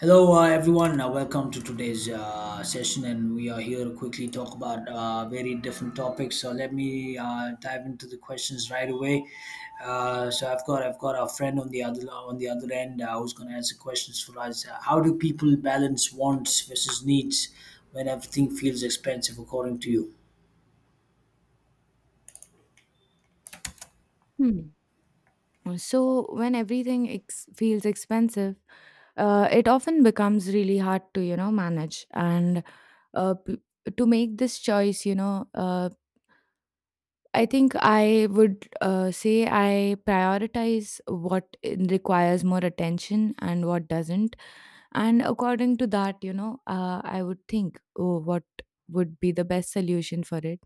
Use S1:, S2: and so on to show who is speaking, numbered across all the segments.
S1: Hello, everyone. Welcome to today's session, and we are here to quickly talk about very different topics. So let me dive into the questions right away. So I've got our friend on the other end who's going to answer questions for us. How do people balance wants versus needs when everything feels expensive, according to you?
S2: Hmm. So, when feels expensive, it often becomes really hard to, you know, manage. Uh, p- to make this choice, you know, I think I would say I prioritize requires more attention and what doesn't. And according to that, you know, I would think, oh, what would be the best solution for it?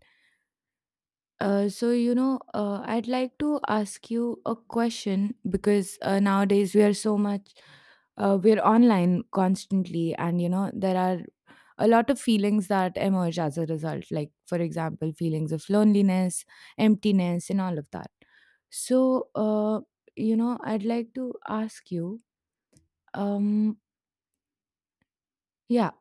S2: So you know, I'd like to ask you a question because nowadays we are so much, we're online constantly, and you know there are a lot of feelings that emerge as a result. Like for example, feelings of loneliness, emptiness, and all of that. So uh, you know, I'd like to ask you, um, yeah.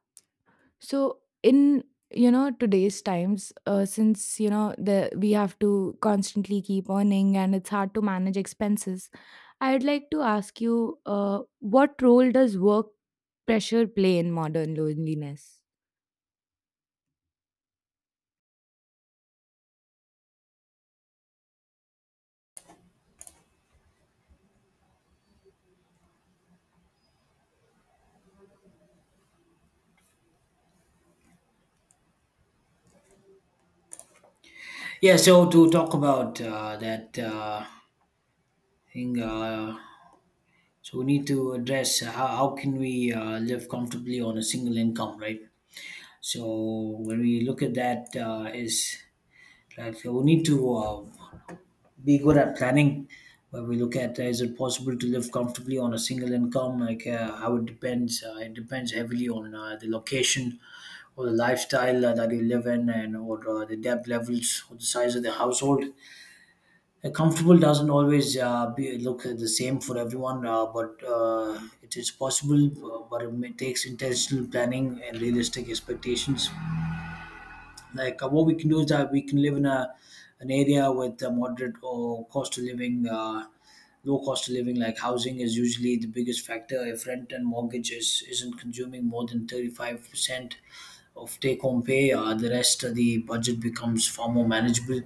S2: So in, you know, today's times, since, you know, the we have to constantly keep earning and it's hard to manage expenses, I'd like to ask you, what role does work pressure play in modern loneliness?
S1: Yeah. So to talk about that thing. So we need to address how can we live comfortably on a single income, right? So when we look at that, is like we need to be good at planning. Where we look at is it possible to live comfortably on a single income? Like how it depends. It depends heavily on the location or the lifestyle that you live in, and or the debt levels or the size of the household. Comfortable doesn't always be look the same for everyone, but it is possible. But it takes intentional planning and realistic expectations, like what we can do is that we can live in a an area with a moderate or cost of living, low cost of living. Like housing is usually the biggest factor. If rent and mortgage isn't consuming more than 35% of take home pay, the rest of the budget becomes far more manageable.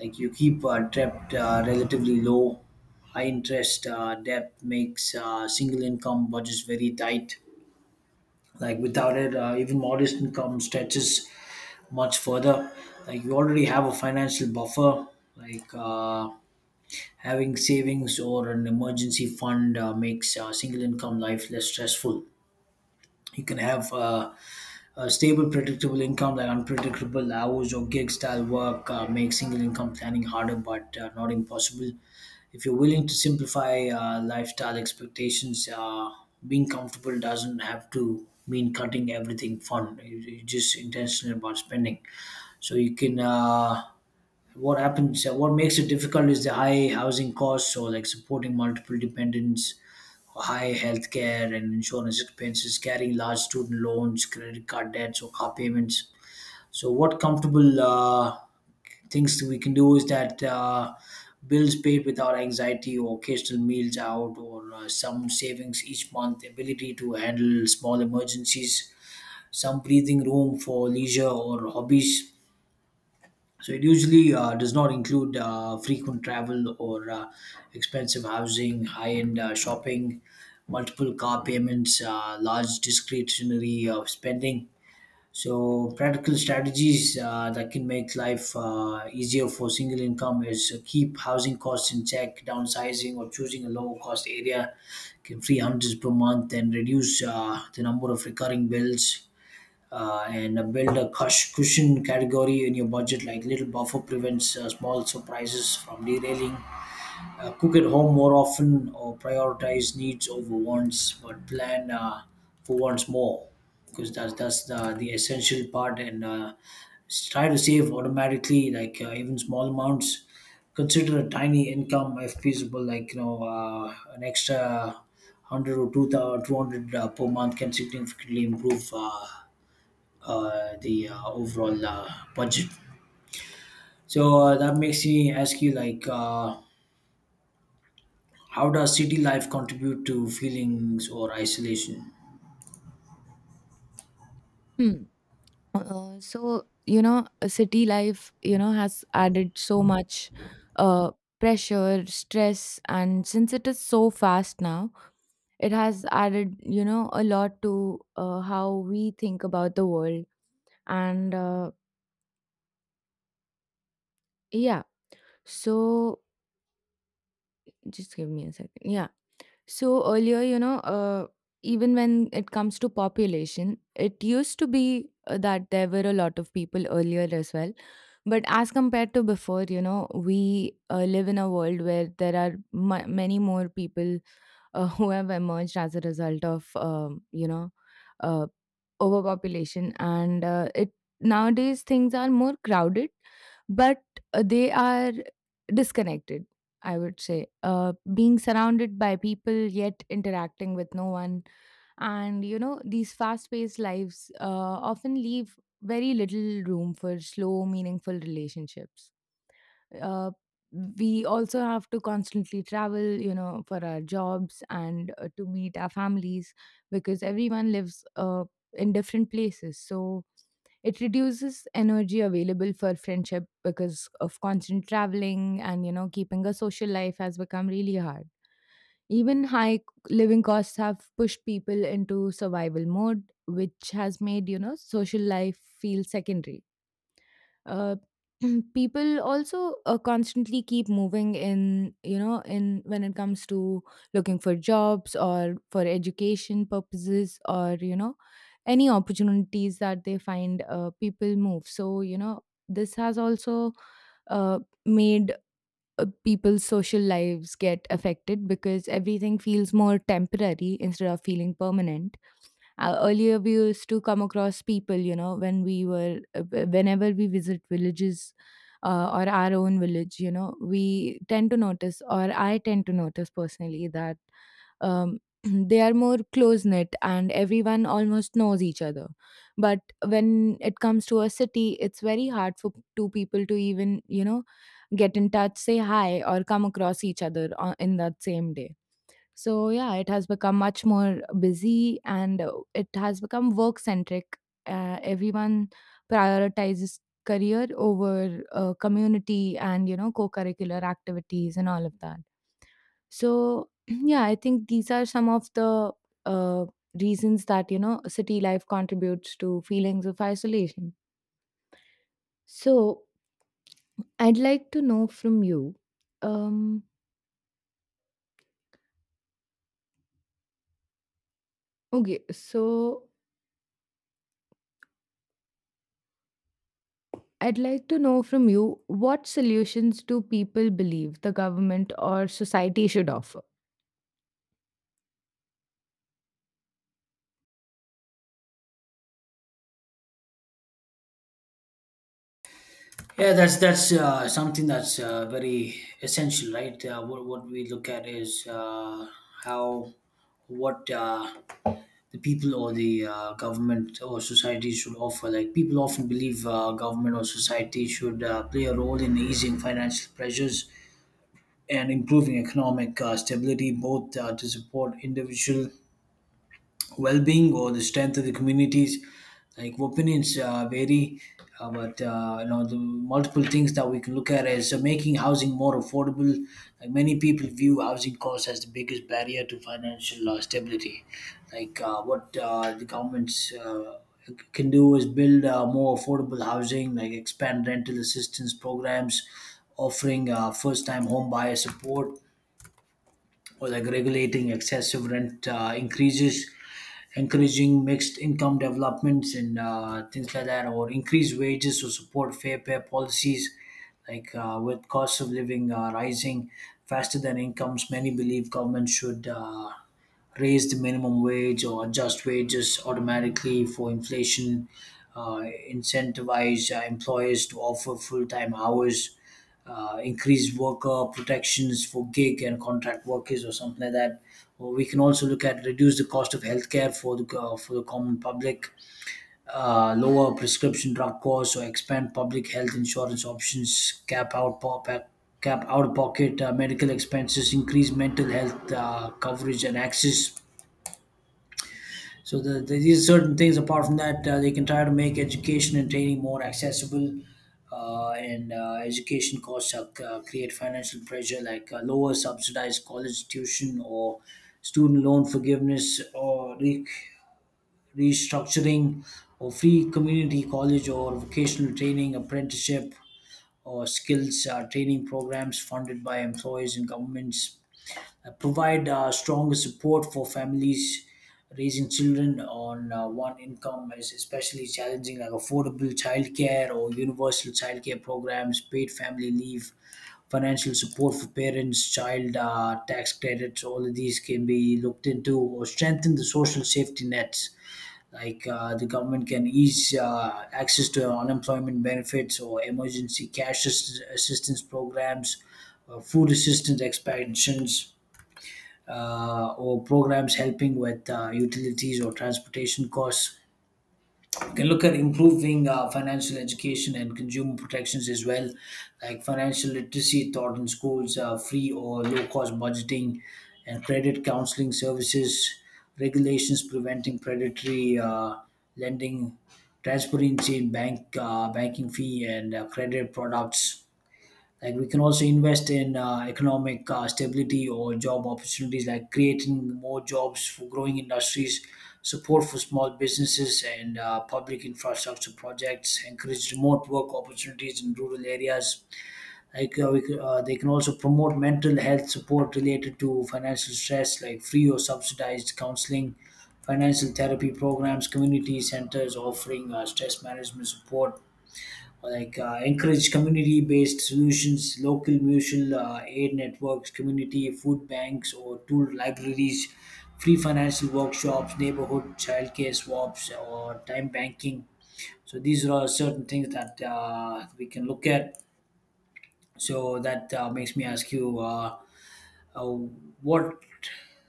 S1: Like you keep debt relatively low. High interest debt makes single income budgets very tight. Like without it, even modest income stretches much further. Like you already have a financial buffer. Like having savings or an emergency fund makes single income life less stressful. You can have stable, predictable income. Like unpredictable hours or gig style work makes single income planning harder, but not impossible. If you're willing to simplify lifestyle expectations, being comfortable doesn't have to mean cutting everything fun. You're just intentional about spending. So you can. What makes it difficult is the high housing costs, so like supporting multiple dependents, high healthcare and insurance expenses, carrying large student loans, credit card debts or car payments. So what comfortable, things that we can do, is that bills paid without anxiety, or occasional meals out, or some savings each month, ability to handle small emergencies, some breathing room for leisure or hobbies. So it usually does not include frequent travel or expensive housing, high-end shopping, multiple car payments, large discretionary spending. So practical strategies that can make life easier for single income is, keep housing costs in check. Downsizing or choosing a low cost area can free hundreds per month and reduce the number of recurring bills, and build a cushion category in your budget. Like little buffer prevents small surprises from derailing. Cook at home more often, or prioritize needs over wants, but plan for wants more, because that's the essential part. And try to save automatically, like even small amounts. Consider a tiny income if feasible, like you know an extra. 100 or 2000 200 per month can significantly improve the overall budget. So that makes me ask you, like, how does city life contribute to feelings or isolation?
S2: Hmm. So you know, a city life, you know, has added so much uh, pressure, stress, and since it is so fast now, it has added, you know, a lot to how we think about the world. And yeah, so just give me a second. Yeah. So earlier, you know, even when it comes to population, it used to be that there were a lot of people earlier as well. But as compared to before, you know, we live in a world where there are ma many more people who have emerged as a result of, you know, uh, overpopulation. And it nowadays things are more crowded, but they are disconnected, I would say. Being surrounded by people yet interacting with no one. And, you know, these fast paced lives often leave very little room for slow, meaningful relationships. uh, we also have to constantly travel, you know, for our jobs and to meet our families, because everyone lives in different places, so it reduces energy available for friendship because of constant traveling, and you know, keeping a social life has become really hard. Even high living costs have pushed people into survival mode, which has made, you know, social life feel secondary. uh, People also constantly keep moving in you know in when it comes to looking for jobs or for education purposes, or you know, any opportunities that they find, people move, so you know, this has also uh, made people's social lives get affected because everything feels more temporary instead of feeling permanent. Earlier we used to come across people, you know, when we were whenever we visit villages, or our own village, you know, we tend to notice, or I tend to notice personally, that they are more close knit and everyone almost knows each other. But when it comes to a city, it's very hard for two people to even, you know, get in touch, say hi, or come across each other in that same day. So yeah, it has become much more busy, and it has become work centric. Everyone prioritizes career over community and, you know, co-curricular activities and all of that. So yeah, I think these are some of the uh, reasons that, you know, city life contributes to feelings of isolation. So I'd like to know from you. Um, okay, so I'd like to know from you, what solutions do people believe the government or society should offer?
S1: Yeah, that's something that's very essential, right? What we look at is, how what the people or the government or society should offer. Like people often believe government or society should play a role in easing financial pressures and improving economic stability, both to support individual well being or the strength of the communities. Like opinions vary, but you know, the multiple things that we can look at is making housing more affordable. Like many people view housing costs as the biggest barrier to financial stability. Like what the government's can do is build more affordable housing, like expand rental assistance programs, offering first-time home buyer support, or like regulating excessive rent increases, encouraging mixed income developments and things like that, or increase wages to support fair pay policies. Like with cost of living rising faster than incomes, many believe government should raise the minimum wage or adjust wages automatically for inflation, uh, incentivize employers to offer full time hours, increased worker protections for gig and contract workers or something like that. Or we can also look at reduce the cost of healthcare for the common public, lower prescription drug costs, or expand public health insurance options, cap out of pocket medical expenses, increase mental health coverage and access. So these are certain things. Apart from that, they can try to make education and training more accessible, and education costs are, create financial pressure, like lower subsidized college tuition, or student loan forgiveness or restructuring, or free community college or vocational training, apprenticeship or skills training programs funded by employers and governments, provide stronger support for families. Raising children on one income is especially challenging. Like affordable childcare or universal childcare programs, paid family leave, financial support for parents, child tax credits, all of these can be looked into. Or strengthen the social safety nets, like the government can ease access to unemployment benefits or emergency cash assistance programs, food assistance expansions, or programs helping with utilities or transportation costs. You can look at improving financial education and consumer protections as well, like financial literacy taught in schools, free or low cost budgeting, and credit counseling services, regulations preventing predatory lending, transparency in banking fee and credit products. Like we can also invest in economic stability or job opportunities, like creating more jobs for growing industries, support for small businesses and public infrastructure projects, encourage remote work opportunities in rural areas. Like they can also promote mental health support related to financial stress, like free or subsidized counseling, financial therapy programs, community centers offering stress management support. Like encourage community-based solutions, local mutual aid networks, community food banks or tool libraries, free financial workshops, neighborhood childcare swaps, or time banking. So these are all certain things that we can look at. So that makes me ask you, uh, what,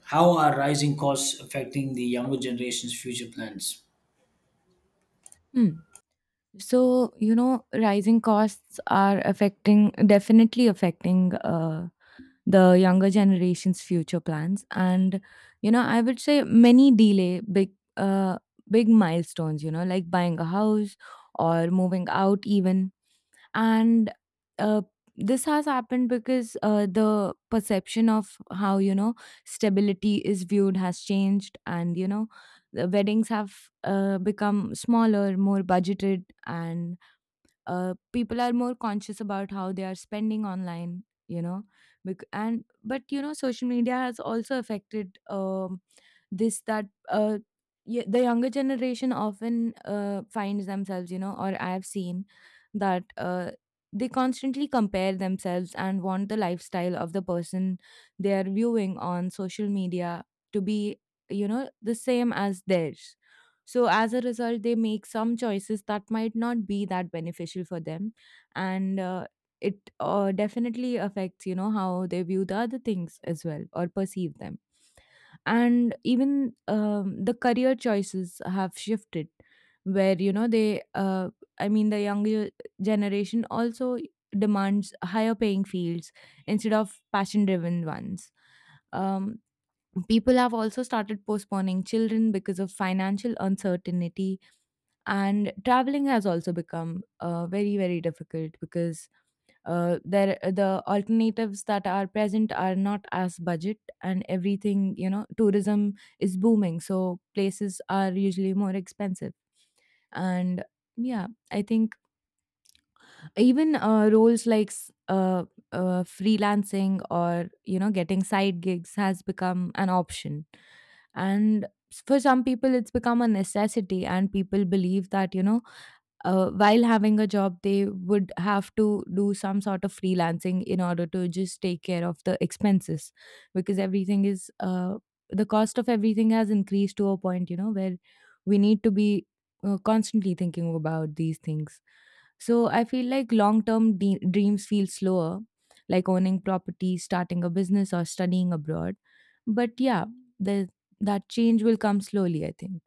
S1: how are rising costs affecting the younger generation's future plans?
S2: Hmm. So, you know, rising costs are affecting, definitely affecting the younger generation's future plans, and you know, I would say many delay uh, big milestones, you know, like buying a house or moving out even. And uh, this has happened because the perception of how, you know, stability is viewed has changed, and you know, the weddings have become smaller, more budgeted, and people are more conscious about how they are spending online, you know. Bec- and But you know, social media has also affected, this, that the younger generation often finds themselves, you know, or I have seen that they constantly compare themselves and want the lifestyle of the person they are viewing on social media to be, you know, the same as theirs. So, as a result, they make some choices that might not be that beneficial for them. And it definitely affects, you know, how they view the other things as well, or perceive them. And even the career choices have shifted, where, you know, I mean, the younger generation also demands higher paying fields instead of passion driven ones. Um, People have also started postponing children because of financial uncertainty, and traveling has also become very, very difficult, because the alternatives that are present are not as budget, and everything, you know, tourism is booming, so places are usually more expensive. And yeah, I think even roles like freelancing, or you know, getting side gigs has become an option, and for some people it's become a necessity, and people believe that, you know, while having a job, they would have to do some sort of freelancing in order to just take care of the expenses, because everything is, the cost of everything has increased to a point, you know, where we need to be constantly thinking about these things. So I feel like long term dreams feel slower, like owning property, starting a business, or studying abroad. But yeah, the, that change will come slowly, I think.